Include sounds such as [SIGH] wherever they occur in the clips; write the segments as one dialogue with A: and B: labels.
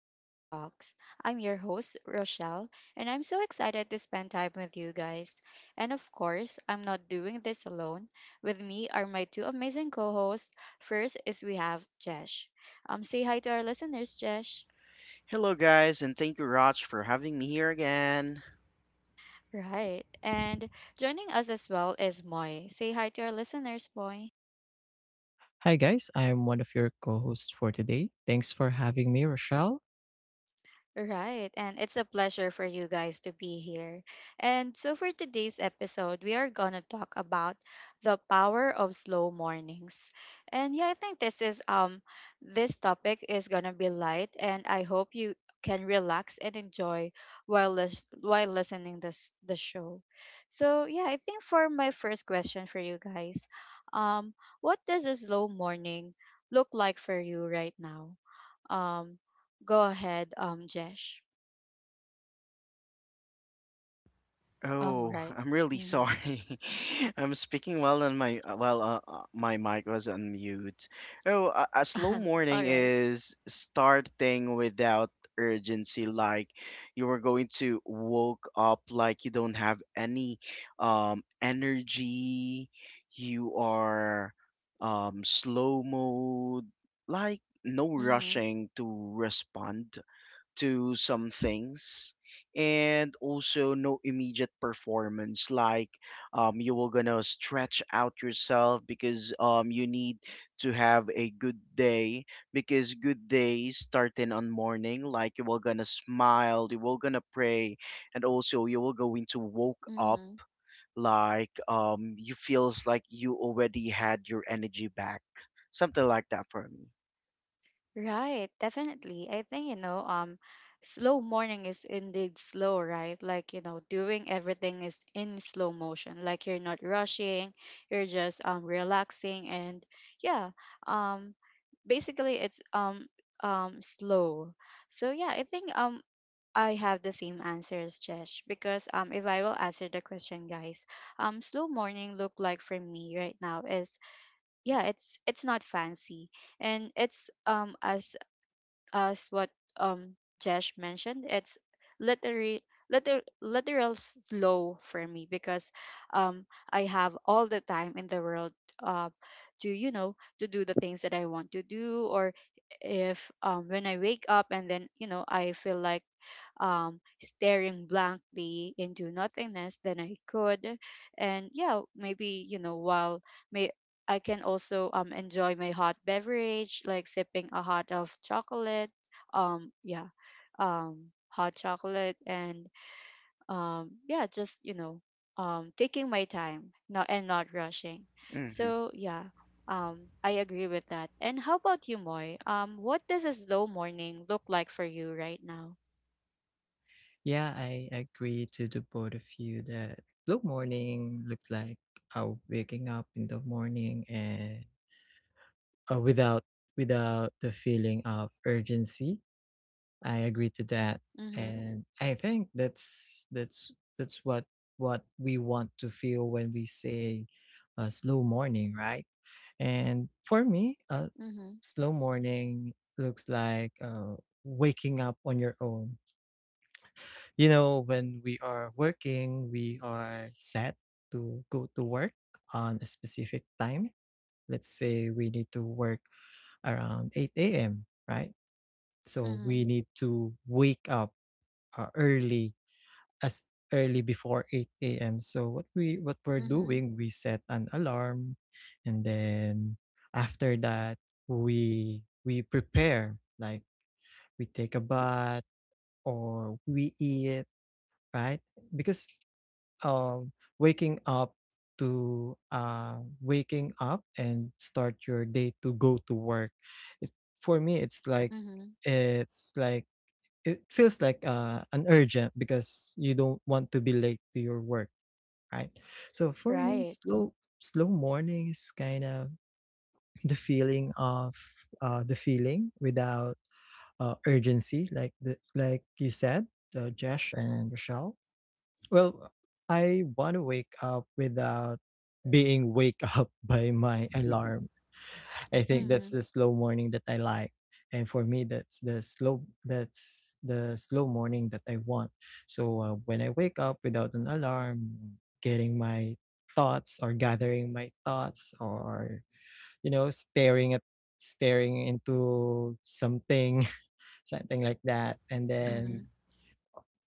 A: to our talks. I'm your host, Rochelle, and I'm so excited to spend time with you guys. And of course, I'm not doing this alone. With me are my two amazing co hosts. First is we have Jesh. Say hi to our listeners, Jesh.
B: Hello, guys, and thank you, Raj, for having me here again.
A: Right. And joining us as well is Moy. Say hi to our listeners, Moy.
C: Hi, guys. I'm one of your co hosts for today. Thanks for having me, Rochelle.
A: Right. And it's a pleasure for you guys to be here. And so for today's episode, we are going to talk about the power of slow mornings. And yeah, I think this is this topic is going to be light and I hope you can relax and enjoy while listening this the show. So, yeah, I think for my first question for you guys, what does a slow morning look like for you right now? um. Go ahead, Jesh.
B: Oh, [LAUGHS]
A: Right.
B: I'm really
A: Mm-hmm.
B: sorry. [LAUGHS] I'm speaking while on my while my mic was on mute. Oh, a slow
A: [LAUGHS]
B: morning
A: All right.
B: is starting without urgency, like you were going to woke up like you don't have any energy. You are slow mode, like no
A: Mm-hmm.
B: rushing to respond to some things, and also no immediate performance like you were gonna stretch out yourself because you need to have a good day because good days starting on morning, like you were gonna smile, you were gonna pray, and also you were going to woke up
A: Mm-hmm.
B: like you feels like you already had your energy back, something like that for me.
A: Right. Definitely. I think, you know, slow morning is indeed slow, right? Like, you know, doing everything is in slow motion. Like you're not rushing, you're just relaxing and yeah, um basically it's slow. So yeah, I think I have the same answer as Jesh because if I will answer the question guys slow morning look like for me right now is yeah it's not fancy and it's as what um Jesh mentioned it's literally literal slow for me because um I have all the time in the world uh, to you know to do the things that I want to do or if when I wake up and then you know I feel like staring blankly into nothingness than I could. And yeah, maybe, you know, while may I can also enjoy my hot beverage, like sipping a hot of chocolate. Um, yeah, hot chocolate and yeah, just, you know, taking my time not, and not rushing.
B: hmm
A: So yeah, I agree with that. And how about you, Moy? What does a slow morning look like for you right now?
C: Yeah, I agree to the both of you that blue morning looks like waking up in the morning and without the feeling of urgency. I agree to that,
A: Mm-hmm.
C: and I think that's what we want to feel when we say a slow morning, right? And for me, a
A: Mm-hmm.
C: slow morning looks like waking up on your own. You know, when we are working, we are set to go to work on a specific time. Let's say we need to work around 8 a.m., right? So we
A: Mhm,
C: need to wake up early as early before 8 a.m. So what we're
A: mhm,
C: doing, we set an alarm, and then after that we prepare like we take a bath or we eat, right? Because um waking up to waking up and start your day to go to work it, for me it's like
A: mhm.
C: it's like it feels like, an urgent, because you don't want to be late to your work, right? So for me,
A: Right.
C: slow morning is kind of, the feeling without, urgency, like the like you said, Jesh and Rochelle. Well, I want to wake up without being wake up [LAUGHS] by my alarm. I think that's
A: Mhm,
C: the slow morning that I like. And for me, that's the slow, that's the slow morning that I want. So when I wake up without an alarm, getting my thoughts or gathering my thoughts, or you know, staring into something, [LAUGHS] something like that, and then
A: mhm,
B: [LAUGHS]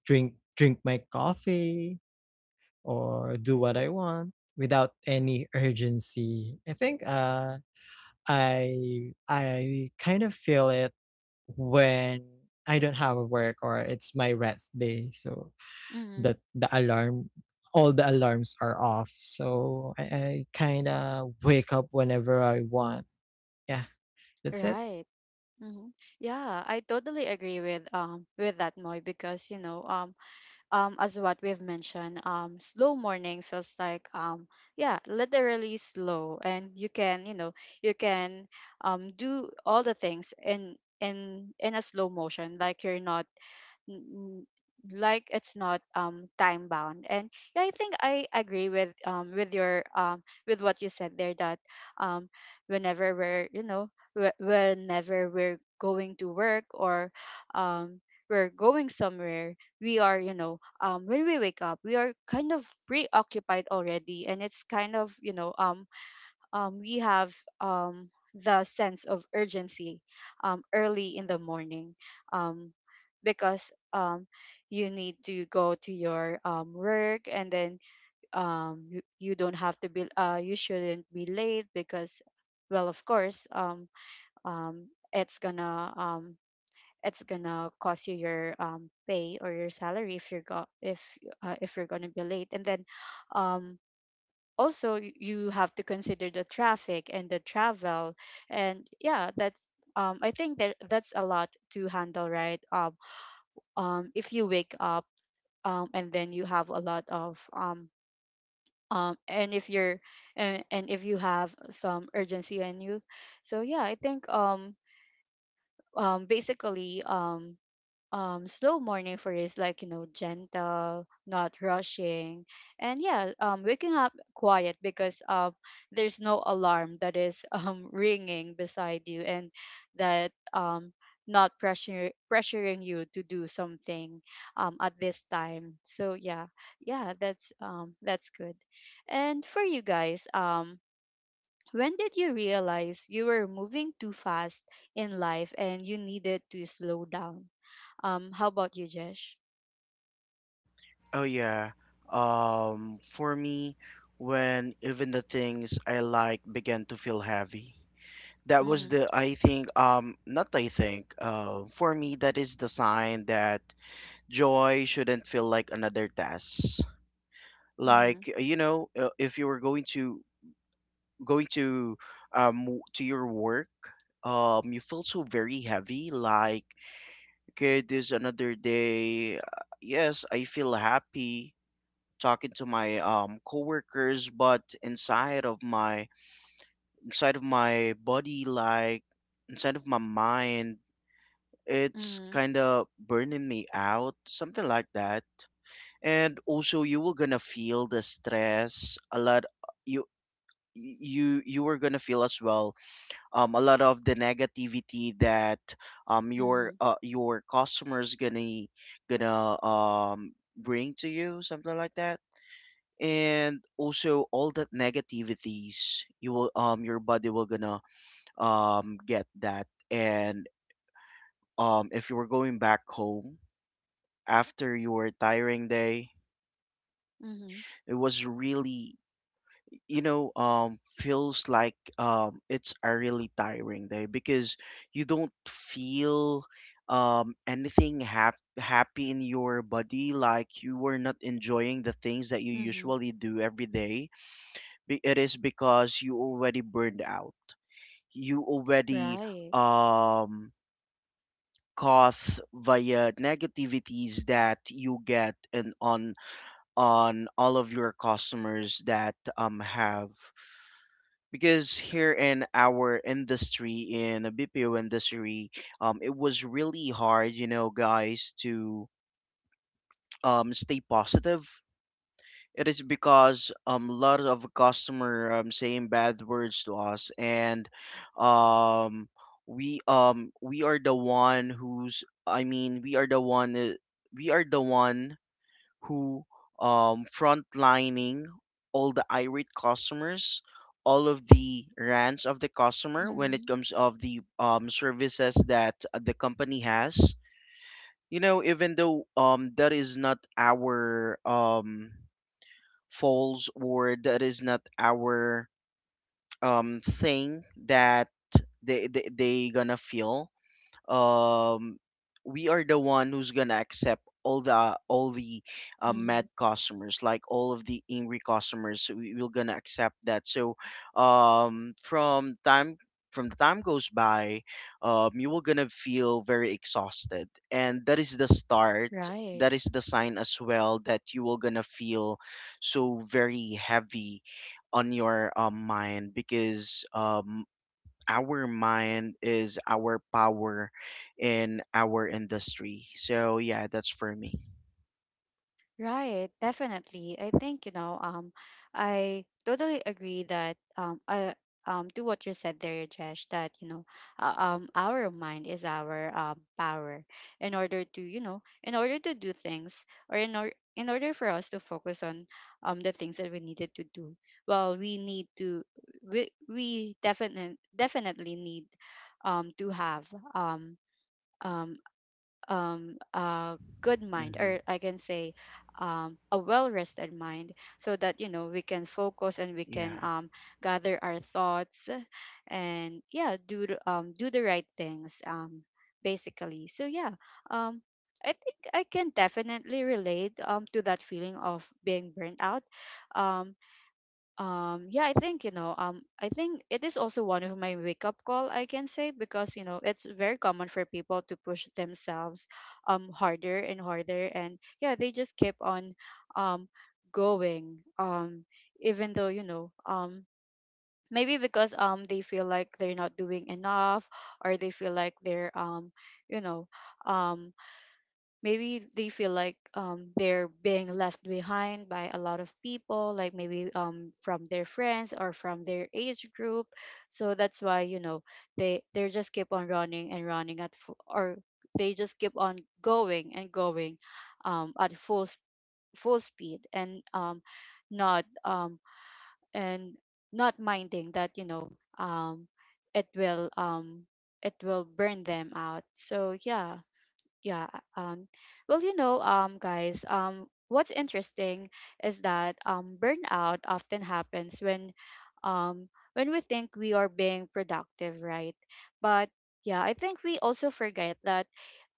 C: drink my coffee or do what I want without any urgency. I think I kind of feel it when I don't have a work or it's my rest day, so
A: mhm.
C: the alarm, all the alarms are off, so I kinda wake up whenever I want. Yeah, that's it.
A: Right. Mhm. Yeah, I totally agree with that Moy because you know as what we've mentioned slow morning feels like yeah literally slow and you can you know you can do all the things in a slow motion like you're not n- like it's not time bound and yeah I think I agree with your with what you said there that um whenever we're you know whenever we're going to work or um we're going somewhere we are you know when we wake up we are kind of preoccupied already and it's kind of you know we have um, the sense of urgency early in the morning um, because you need to go to your work and then you don't have to be you shouldn't be late because well of course um, it's gonna um, it's gonna cost you your pay or your salary if if if you're gonna be late and then um, also you have to consider the traffic and the travel and yeah that's I think that that's a lot to handle right if you wake up and then you have a lot of and if you're and if you have some urgency on you so yeah i think basically slow morning for is like you know gentle not rushing and yeah waking up quiet because there's no alarm that is [LAUGHS] ringing beside you and that not pressure pressuring you to do something at this time so yeah yeah that's that's good and for you guys when did you realize you were moving too fast in life and you needed to slow down how about you, Jesh?
B: Oh yeah. For me, when even the things I like began to feel heavy, that was
A: Mm-hmm.
B: the I think not I think for me that is the sign that joy shouldn't feel like another task.
A: Mm-hmm.
B: Like you know, if you were going to to your work, you feel so very heavy. Like okay, this is another day. Yes, I feel happy talking to my coworkers, but inside of my body, like inside of my mind, it's
A: Mm-hmm.
B: kind of burning me out, something like that. And also, you were gonna feel the stress a lot. You you were gonna feel as well a lot of the negativity that
A: Mm-hmm.
B: your customers gonna gonna um bring to you, something like that, and also all that negativities you will your body will gonna get that. And if you were going back home after your tiring day,
A: Mm-hmm.
B: it was really, you know, feels like it's a really tiring day because you don't feel anything happy in your body, like you were not enjoying the things that you
A: Mm-hmm.
B: usually do every day. It is because you already burned out. You already
A: Right.
B: um caught via negativities that you get, and on all of your customers that have, because here in our industry, in the BPO industry, it was really hard, you know, guys, to stay positive. It is because a lot of customer saying bad words to us. And um we are the one who's I mean we are the we are the one who frontlining all the irate customers, all of the rants of the customer when it
A: Mm-hmm.
B: comes of the services that the company has. You know, even though that is not our false, or that is not our thing that they gonna feel, um, we are the one who's gonna accept all the
A: Mm-hmm.
B: mad customers, like all of the angry customers. We're gonna accept that. So um, from time from the time goes by, you will gonna feel very exhausted, and that is the start.
A: Right.
B: That is the sign as well that you will gonna feel so very heavy on your mind because our mind is our power in our industry. So yeah, that's for me.
A: Right, definitely. I think, you know, I totally agree that to what you said there, Jesh, that, you know, our mind is our power in order to, you know, in order to do things in order for us to focus on the things that we needed to do. Well, we need to, we, we definitely need to have um, um, a good mind,
B: hmm
A: or I can say a well rested mind, so that you know we can focus and we
B: Yeah,
A: can gather our thoughts and yeah, do the right things basically. So yeah, um, I think I can definitely relate to that feeling of being burnt out. Um, yeah I think you know I think it is also one of my wake up call I can say because you know it's very common for people to push themselves harder and harder and yeah they just keep on um going even though you know maybe because they feel like they're not doing enough or they feel like they're you know um maybe they feel like they're being left behind by a lot of people like maybe from their friends or from their age group so that's why you know they just keep on running and running at fu- or they just keep on going and going at full speed and not and not minding that you know um, it will um, it will burn them out so yeah yeah um well you know guys, what's interesting is that burnout often happens um when we think we are being productive right but yeah I think we also forget that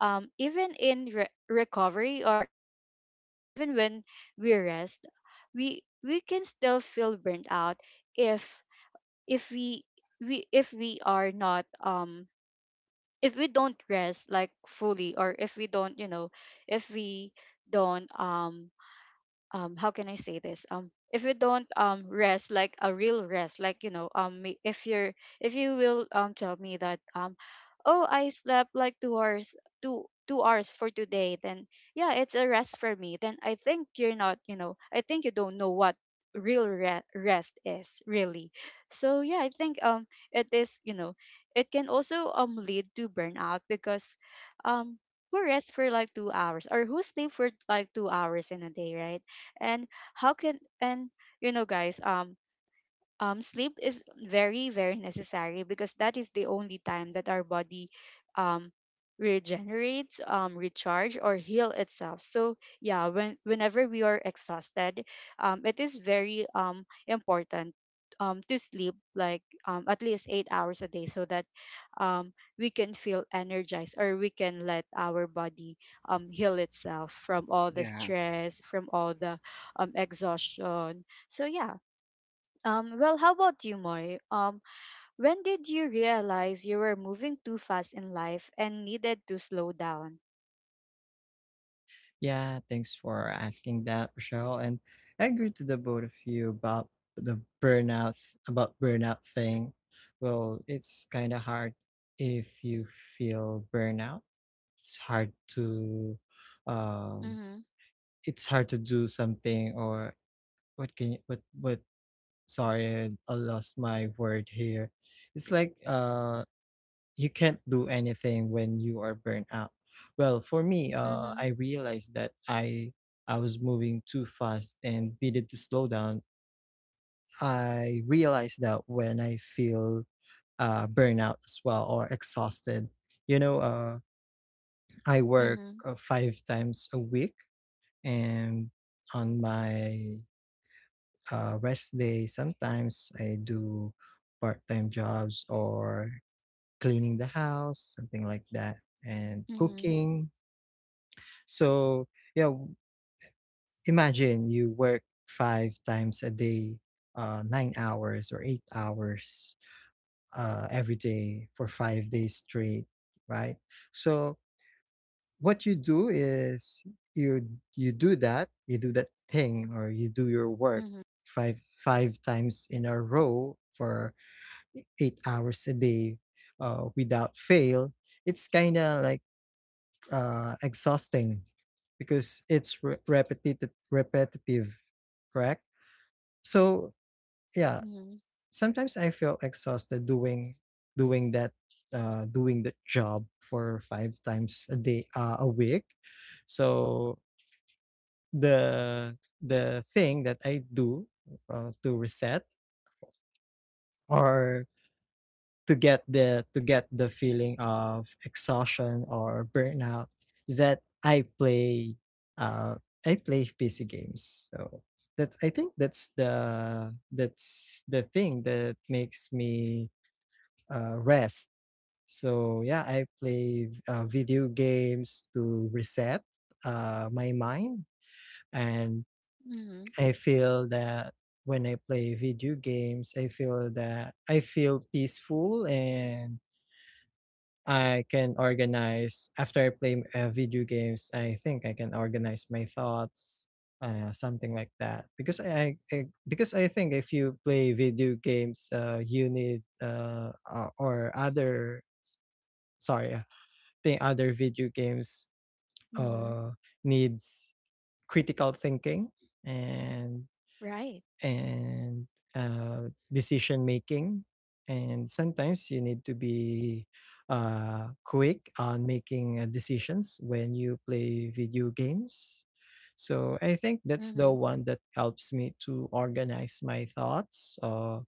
A: even in recovery or even even when we rest we can still feel burnt out if if we if we are not if we don't rest like fully or if we don't you know if we don't how can I say this if you don't rest like a real rest like you know if you're if you will tell me that oh I slept like 2 hours two hours for today then yeah it's a rest for me then I think you're not you know I think you don't know what real rest is really so yeah I think it is you know it can also lead to burnout because um who rest for like 2 hours or who sleep for like 2 hours in a day right and how can and you know guys sleep is very, very necessary because that is the only time that our body um, regenerates, recharge, or heal itself. So yeah, when whenever we are exhausted, it is very important to sleep like at least 8 hours a day so that um, we can feel energized or we can let our body heal itself from all the
B: yeah.
A: stress, from all the exhaustion. So yeah, well, how about you, Moy? When did you realize you were moving too fast in life and needed to slow down?
C: Yeah, thanks for asking that, Rochelle. And I agree to the both of you about the burnout, about burnout thing. Well, it's kind of hard if you feel burnout. It's hard to, um,
A: Mm-hmm.
C: it's hard to do something or what can you what, sorry, I lost my word here. It's like you can't do anything when you are burnt out. Well, for me,
A: Mm-hmm.
C: I realized that I was moving too fast and needed to slow down. I realized that when I feel burnout as well, or exhausted. You know, I work
A: Mm-hmm.
C: five times a week, and on my rest day, sometimes I do part-time jobs or cleaning the house, something like that, and
A: Mm-hmm.
C: cooking. So yeah, imagine you work five times a day, 9 hours or 8 hours every day for 5 days straight, right? So what you do is you you do that thing, or you do your work five times in a row for 8 hours a day, without fail. It's kind of like exhausting because it's repetitive, repetitive, correct? So yeah,
A: Mm-hmm.
C: sometimes I feel exhausted doing doing that doing the job for five times a day, a week. So the thing that I do, to reset or to get the feeling of exhaustion or burnout, is that uh I play PC games. So that's, I think that's the thing that makes me rest. So yeah, I play video games to reset my mind. And
A: Mm-hmm.
C: I feel that when I play video games, I feel that I feel peaceful, and I can organize after I play video games. I think I can organize my thoughts, something like that. Because I, because I think if you play video games, you need or other sorry, think other video games
A: Mm-hmm.
C: uh needs critical thinking and
A: Right.
C: and decision making. And sometimes you need to be quick on making decisions when you play video games. So I think that's the
A: Mm-hmm.
C: one that helps me to organize my thoughts.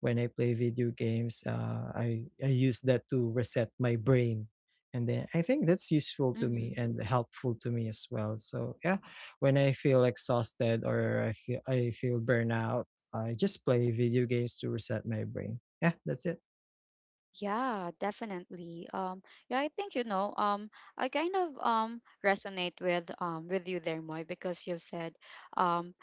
C: When I play video games, I use that to reset my brain, and then I think that's useful to
A: Mm-hmm.
C: me and helpful to me as well. So yeah, when I feel exhausted or I feel burnout, I just play video games to reset my brain. Yeah, that's it.
A: Yeah, definitely. Yeah, I think you know. I kind of resonate with you there, Moy, because you've said, um,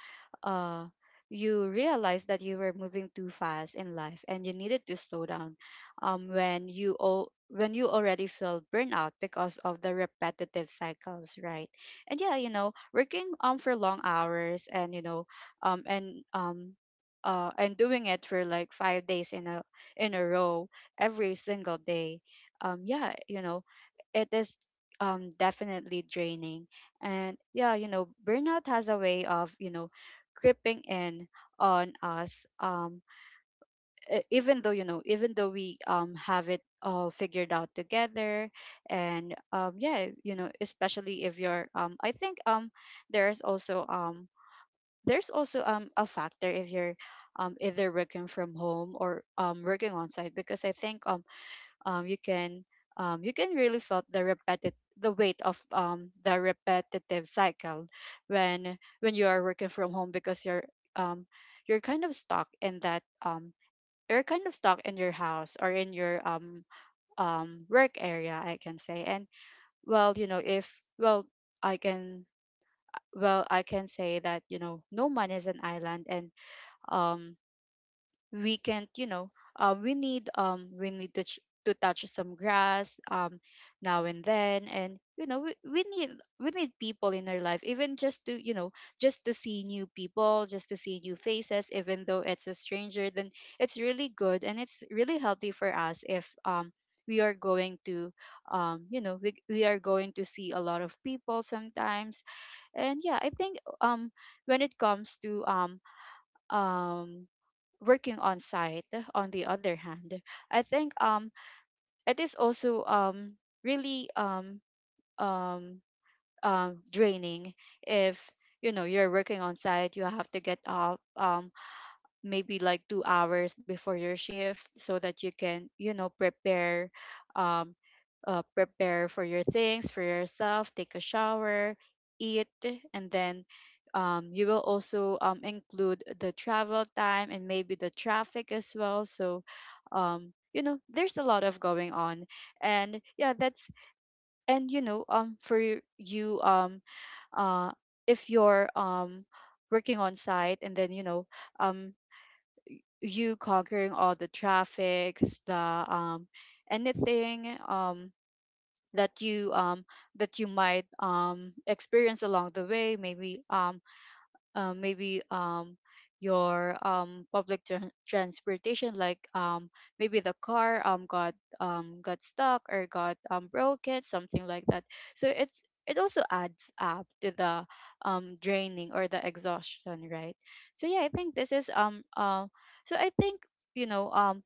A: uh, you realized that you were moving too fast in life and you needed to slow down. When you all when you already feel burnout because of the repetitive cycles, right? And yeah, you know, working for long hours and you know, um and um. And doing it for like 5 days in a row every single day. Yeah, it is definitely draining. And yeah, burnout has a way of creeping in on us. Even though, we have it all figured out together. And yeah, especially if you're, I think there's also, a factor if you're either working from home or working on site, because I think you can, you can really felt the weight of, the repetitive cycle when you are working from home, because you're, um, you're kind of stuck in that, you're kind of stuck in your house, or in your work area, I can say. And well, you know if well I can I can say that, no man is an island. And um we can't, we need, to, to touch some grass now and then. And we need, we need people in our life, even just to just to see new people, just to see new faces, even though it's a stranger. Then it's really good, and it's really healthy for us if we are going to, we are going to see a lot of people sometimes. And yeah, I think when it comes to, um working on site, on the other hand, I think it is also really um draining if, you know, you're working on site. You have to get up maybe like 2 hours before your shift, so that you can, you know, prepare, um prepare for your things, for yourself, take a shower, eat, and then you will also include the travel time and maybe the traffic as well. So, you know, there's a lot of going on. And yeah, that's, and for you, uh if you're working on site, and then, you know, um you conquering all the traffics, the anything that you, that you might experience along the way. Maybe um, maybe um, your public tran transportation, like maybe the car got stuck, or got broken, something like that. So it's, it also adds up to the draining, or the exhaustion, right? So yeah, I think this is so I think, you know,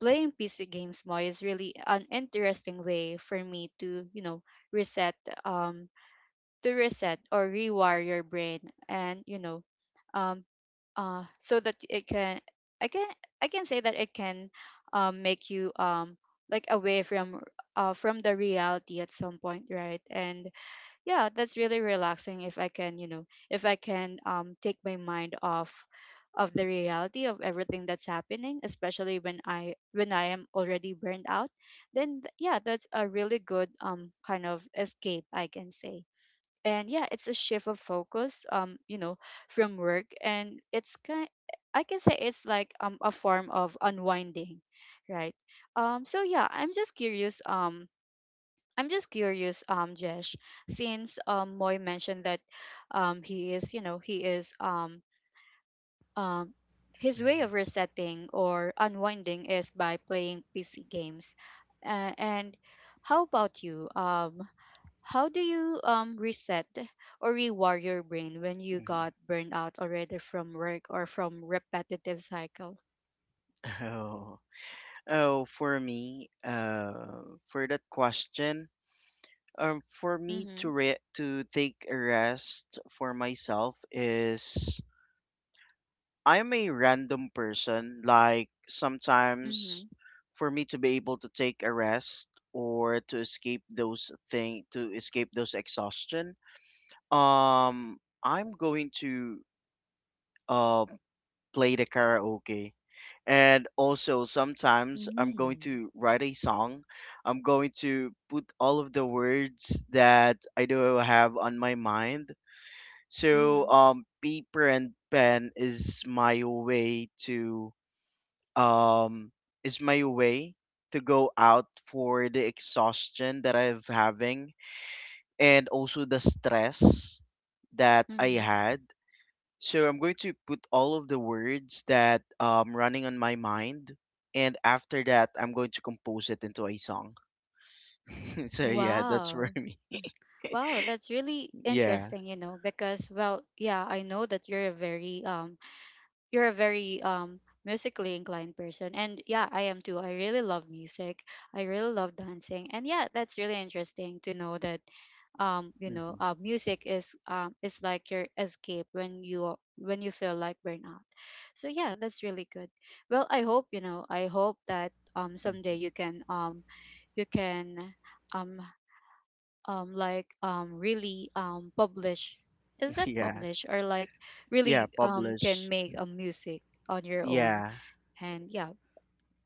A: playing PC games more is really an interesting way for me to, you know, reset, um to reset or rewire your brain. And, you know, um so that it can, i can I can say that it can make you like away from, from the reality at some point, right? And yeah, that's really relaxing if I can, you know, if I can take my mind off of the reality of everything that's happening, especially when I am already burned out. Yeah, that's a really good kind of escape, I can say. And yeah, it's a shift of focus, you know, from work, and it's kind, I can say it's like a form of unwinding, right? So yeah, I'm just curious, Jesh, since Moy mentioned that he is, you know, he is um his way of resetting or unwinding is by playing PC games. And How about you, how do you reset or rewire your brain when you
B: hmm
A: got burned out already from work or from repetitive cycles?
B: [LAUGHS] Oh, oh, for me, for that question, for me to
A: Mhm.
B: to take a rest for myself is I'm a random person. Like sometimes,
A: Mhm.
B: for me to be able to take a rest or to escape those thing to escape those exhaustion, um I'm going to uh play the karaoke, and also sometimes I'm going
A: Mm.
B: to write a song. I'm going to put all of the words that I do have on my mind. So
A: Mhm.
B: paper and pen is my way to um is my way to go out for the exhaustion that I've having, and also the stress that I
A: Mhm.
B: had. So I'm going to put all of the words that running on my mind, and after that, I'm going to compose it into a song. [LAUGHS] So yeah, that's for
A: Wow.
B: me.
A: Mm, wow, that's really
B: Yeah.
A: interesting, you know, because, well, yeah, I know that you're a very musically inclined person. And yeah, I am too. I really love music. I really love dancing. And yeah, that's really interesting to know that, you know,
B: hmm
A: music is like your escape when you are, when you feel like burnout. So yeah, that's really good. Well, I hope, you know, I hope that
B: [LAUGHS]
A: someday you can, you can um like really publish, is that
B: Yeah.
A: publish, or like
B: Yeah.
A: really can
B: Publish.
A: make a music on your own.
B: Yeah.
A: And yeah,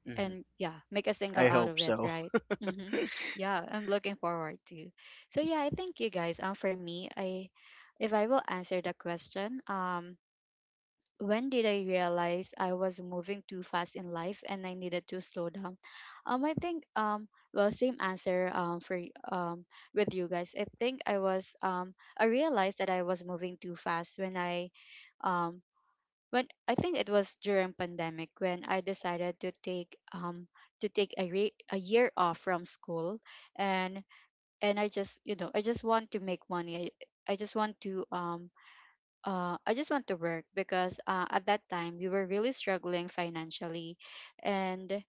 B: hmm
A: and yeah, make a single
B: I
A: out
B: hope
A: of it,
B: so.
A: right?
B: [LAUGHS]
A: Hmm, yeah, I'm looking forward to. So yeah, I thank you guys, for me, I if I will answer the question, when did I realize I was moving too fast in life and I needed to slow down? I think, well, same answer with you guys. I think I was I realized that I was moving too fast when I, um when I think it was during pandemic when I decided to take a year off from school. and and I just, you know, I just want to make money. I just want to I just want to work, because at that time, we were really struggling financially, and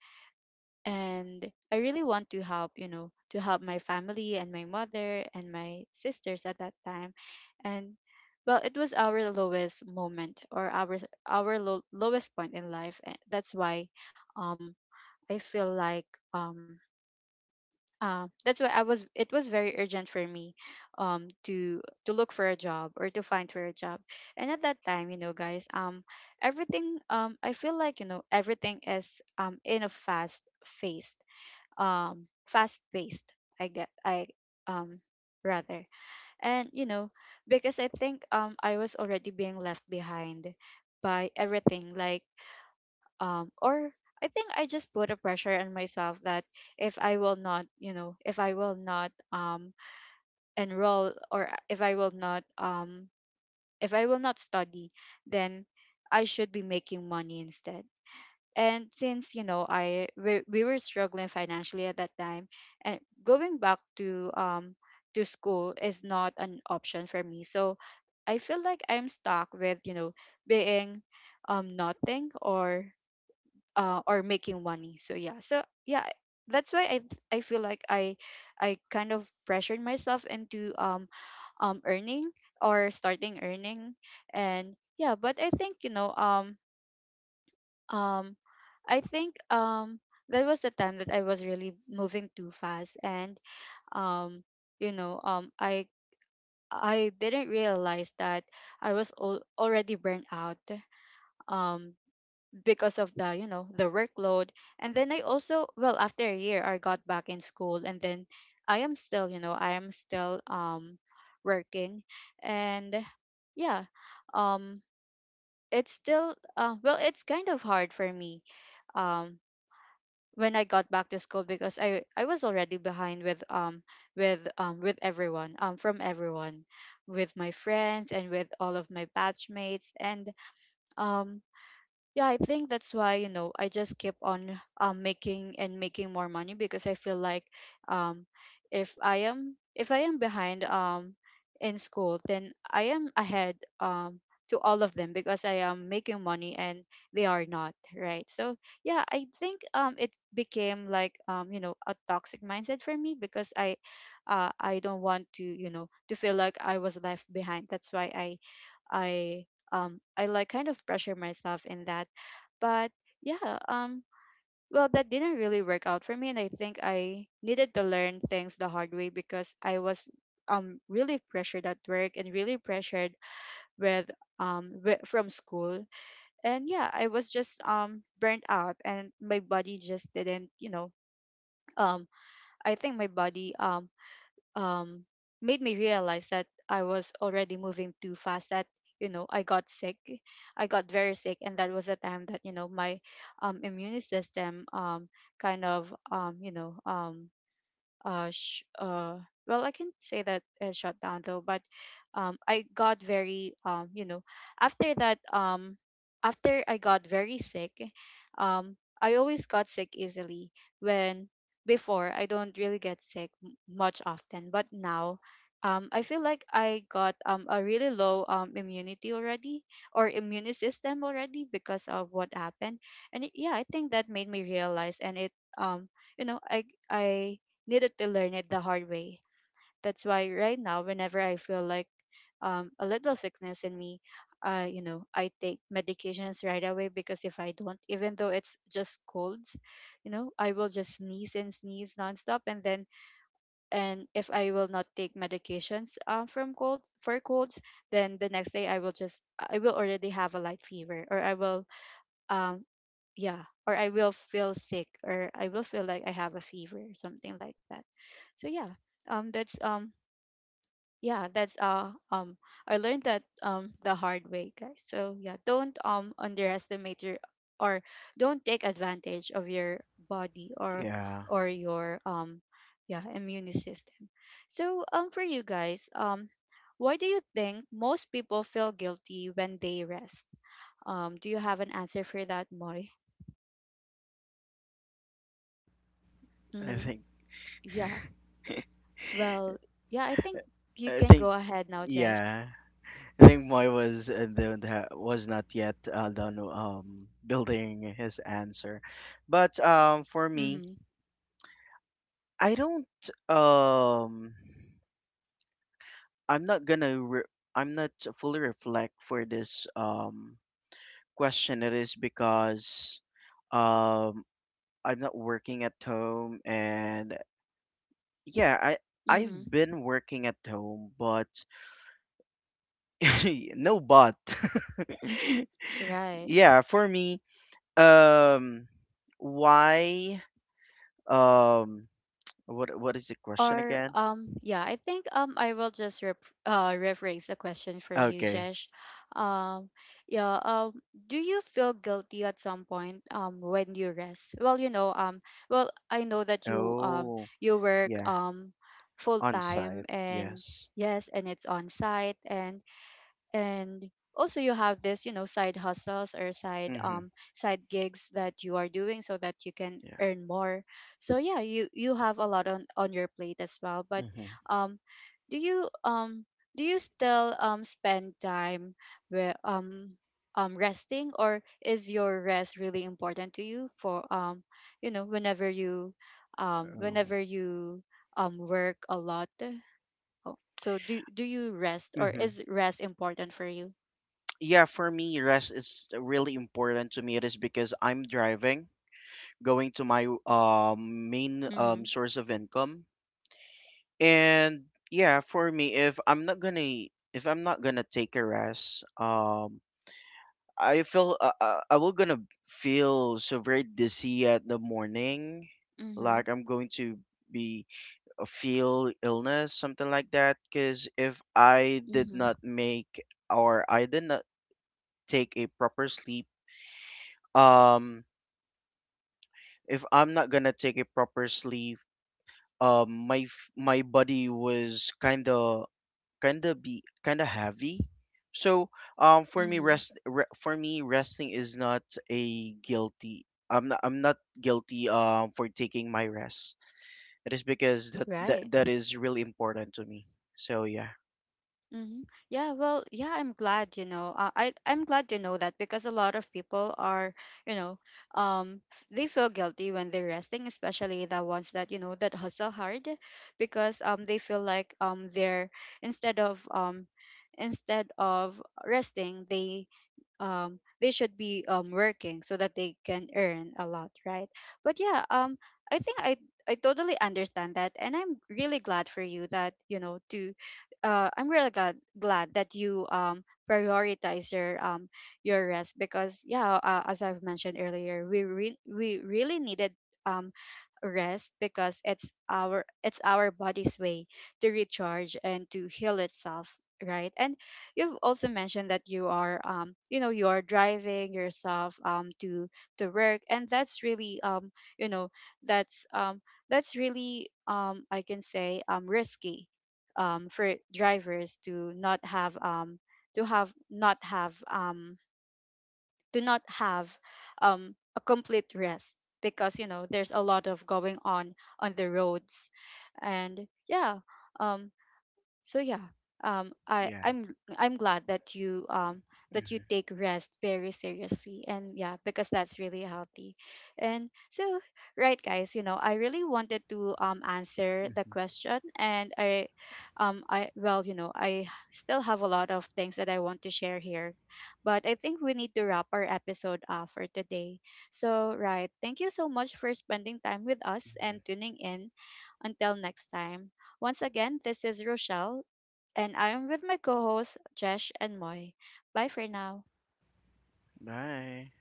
A: and I really want to help, you know, to help my family and my mother and my sisters at that time. And, well, it was our lowest moment, or our low, lowest point in life. And That's why, um, I feel like um that's why I was, it was very urgent for me to look for a job, or to find for a job. And at that time, you know, guys, everything, I feel like, you know, everything is in a fast paced, fast paced. I get I, um rather, and, you know, because I think I was already being left behind by everything, like or I think I just put a pressure on myself that if I will not, you know, if I will not enroll, or if I will not if I will not study, then I should be making money instead. And since, you know, I we were struggling financially at that time, and going back to school is not an option for me. So I feel like I'm stuck with, you know, being nothing, or or making money. So yeah, so yeah, I, that's why I feel like I kind of pressured myself into earning, or starting earning. And yeah, but I think, you know, um I think that was the time that I was really moving too fast. And um you know, I didn't realize that I was already burnt out, um because of the, you know, the workload. And then I also, well, after a year I got back in school, and then I am still, you know, I am still working. And yeah, um it's still well, it's kind of hard for me, um when I got back to school, because I was already behind with with everyone, from everyone, with my friends and with all of my batchmates. And um yeah, I think that's why, you know, I just keep on making and making more money, because I feel like, um, if I am, if I am behind in school, then I am ahead to all of them because I am making money, and they are not, right? So yeah, I think it became like you know, a toxic mindset for me, because I, I don't want to, you know, to feel like I was left behind. That's why I, I I like kind of pressure myself in that. But yeah, well, that didn't really work out for me, and I think I needed to learn things the hard way, because I was really pressured at work, and really pressured with from school. And yeah, I was just burnt out, and my body just didn't, you know, um I think my body um, made me realize that I was already moving too fast. That, you know, I got sick. I got very sick, and that was the time that, you know, my immune system kind of you know, uh, sh- uh, well, I can say that it shut down, though. But I got very, you know, after that, after I got very sick, I always got sick easily when, before I don't really get sick much often, but now I feel like I got a really low immunity already, or immune system already, because of what happened. And it, yeah, I think that made me realize. And it, um, you know, I needed to learn it the hard way. That's why right now, whenever I feel like a little sickness in me, you know, I take medications right away, because if I don't, even though it's just colds, you know, I will just sneeze and sneeze nonstop. And then, and if I will not take medications from colds for colds, then the next day I will just, I will already have a light fever, or I will um yeah, or I will feel sick, or I will feel like I have a fever, something like that. So yeah, that's yeah, that's I learned that the hard way, guys. So yeah, don't underestimate your, or don't take advantage of your body, or
B: Yeah.
A: or your yeah, immune system. So for you guys, why do you think most people feel guilty when they rest? Do you have an answer for that, Moi?
B: I
A: Mm-hmm.
B: think.
A: Yeah. Well, yeah, I think you
B: I
A: can
B: think.
A: go ahead now, Jesh.
B: Yeah. I think Moy was was not yet done building his answer, but for me,
A: Mm-hmm.
B: I don't um. I'm not fully reflect for this question. It is because um I'm not working at home, and yeah,
A: Mm-hmm.
B: I've been working at home, but [LAUGHS] no but. [LAUGHS]
A: Right.
B: Yeah, for me, um why um what is the question
A: Or
B: again?
A: yeah, I think I will just rep- rephrase the question for you,
B: Okay.
A: Jesh. Um yeah, do you feel guilty at some point when you rest? Well, you know, well, I know that you
B: Oh,
A: you work
B: yeah,
A: full
B: on
A: time,
B: site.
A: and
B: Yes.
A: yes, and it's on site, and also you have this, you know, side hustles or side
B: Mhm.
A: side gigs that you are doing, so that you can
B: Yeah.
A: earn more. So yeah, you have a lot on your plate as well. But
B: Mhm.
A: um do you um do you still spend time where resting, or is your rest really important to you for you know,
B: Oh.
A: whenever you work a lot. Oh, so do, do you rest, or
B: hmm
A: is rest important for you?
B: Yeah, for me, rest is really important to me. It is because I'm driving, going to my main
A: Mm-hmm.
B: source of income. And yeah, for me, if I'm not gonna take a rest, I feel I will gonna feel so very dizzy at the morning,
A: Mm-hmm.
B: like I'm going to be feel illness, something like that. Because if I did
A: Mm-hmm.
B: not or I did not take a proper sleep, um, if I'm not gonna take a proper sleep, my my body was kind of heavy. So,
A: Mm-hmm.
B: for me, resting is not a guilty. I'm not guilty for taking my rest. It is because
A: Right.
B: that is really important to me. So yeah,
A: Mm-hmm. Yeah, well, yeah, I'm glad, you know. I, I'm glad to know that, because a lot of people are, you know, they feel guilty when they're resting, especially the ones that, you know, that hustle hard, because they feel like they're, instead of um instead of resting, they should be working so that they can earn a lot, right? But yeah, I think I totally understand that, and I'm really glad for you that, you know, to I'm really glad, glad that you prioritize your rest. Because yeah, as I've mentioned earlier, we, re- we really needed um rest, because it's our, it's our body's way to recharge and to heal itself, right? And you've also mentioned that you are you know, you are driving yourself to work, and that's really you know, that's um that's really I can say risky, for drivers to not have, to have not have, to not have a complete rest, because you know, there's a lot of going on the roads. And yeah, um, so yeah, I,
B: yeah.
A: I'm glad that you
B: hmm
A: take rest very seriously. And yeah, because that's really healthy. And so, right, guys, you know, I really wanted to answer the question, and I I, well, you know, I still have a lot of things that I want to share here, but I think we need to wrap our episode up for today. So right, thank you so much for spending time with us
B: hmm
A: and tuning in. Until next time, once again, this is Rochelle, and I am with my co hosts, Jesh and Moy. Bye for now.
B: Bye.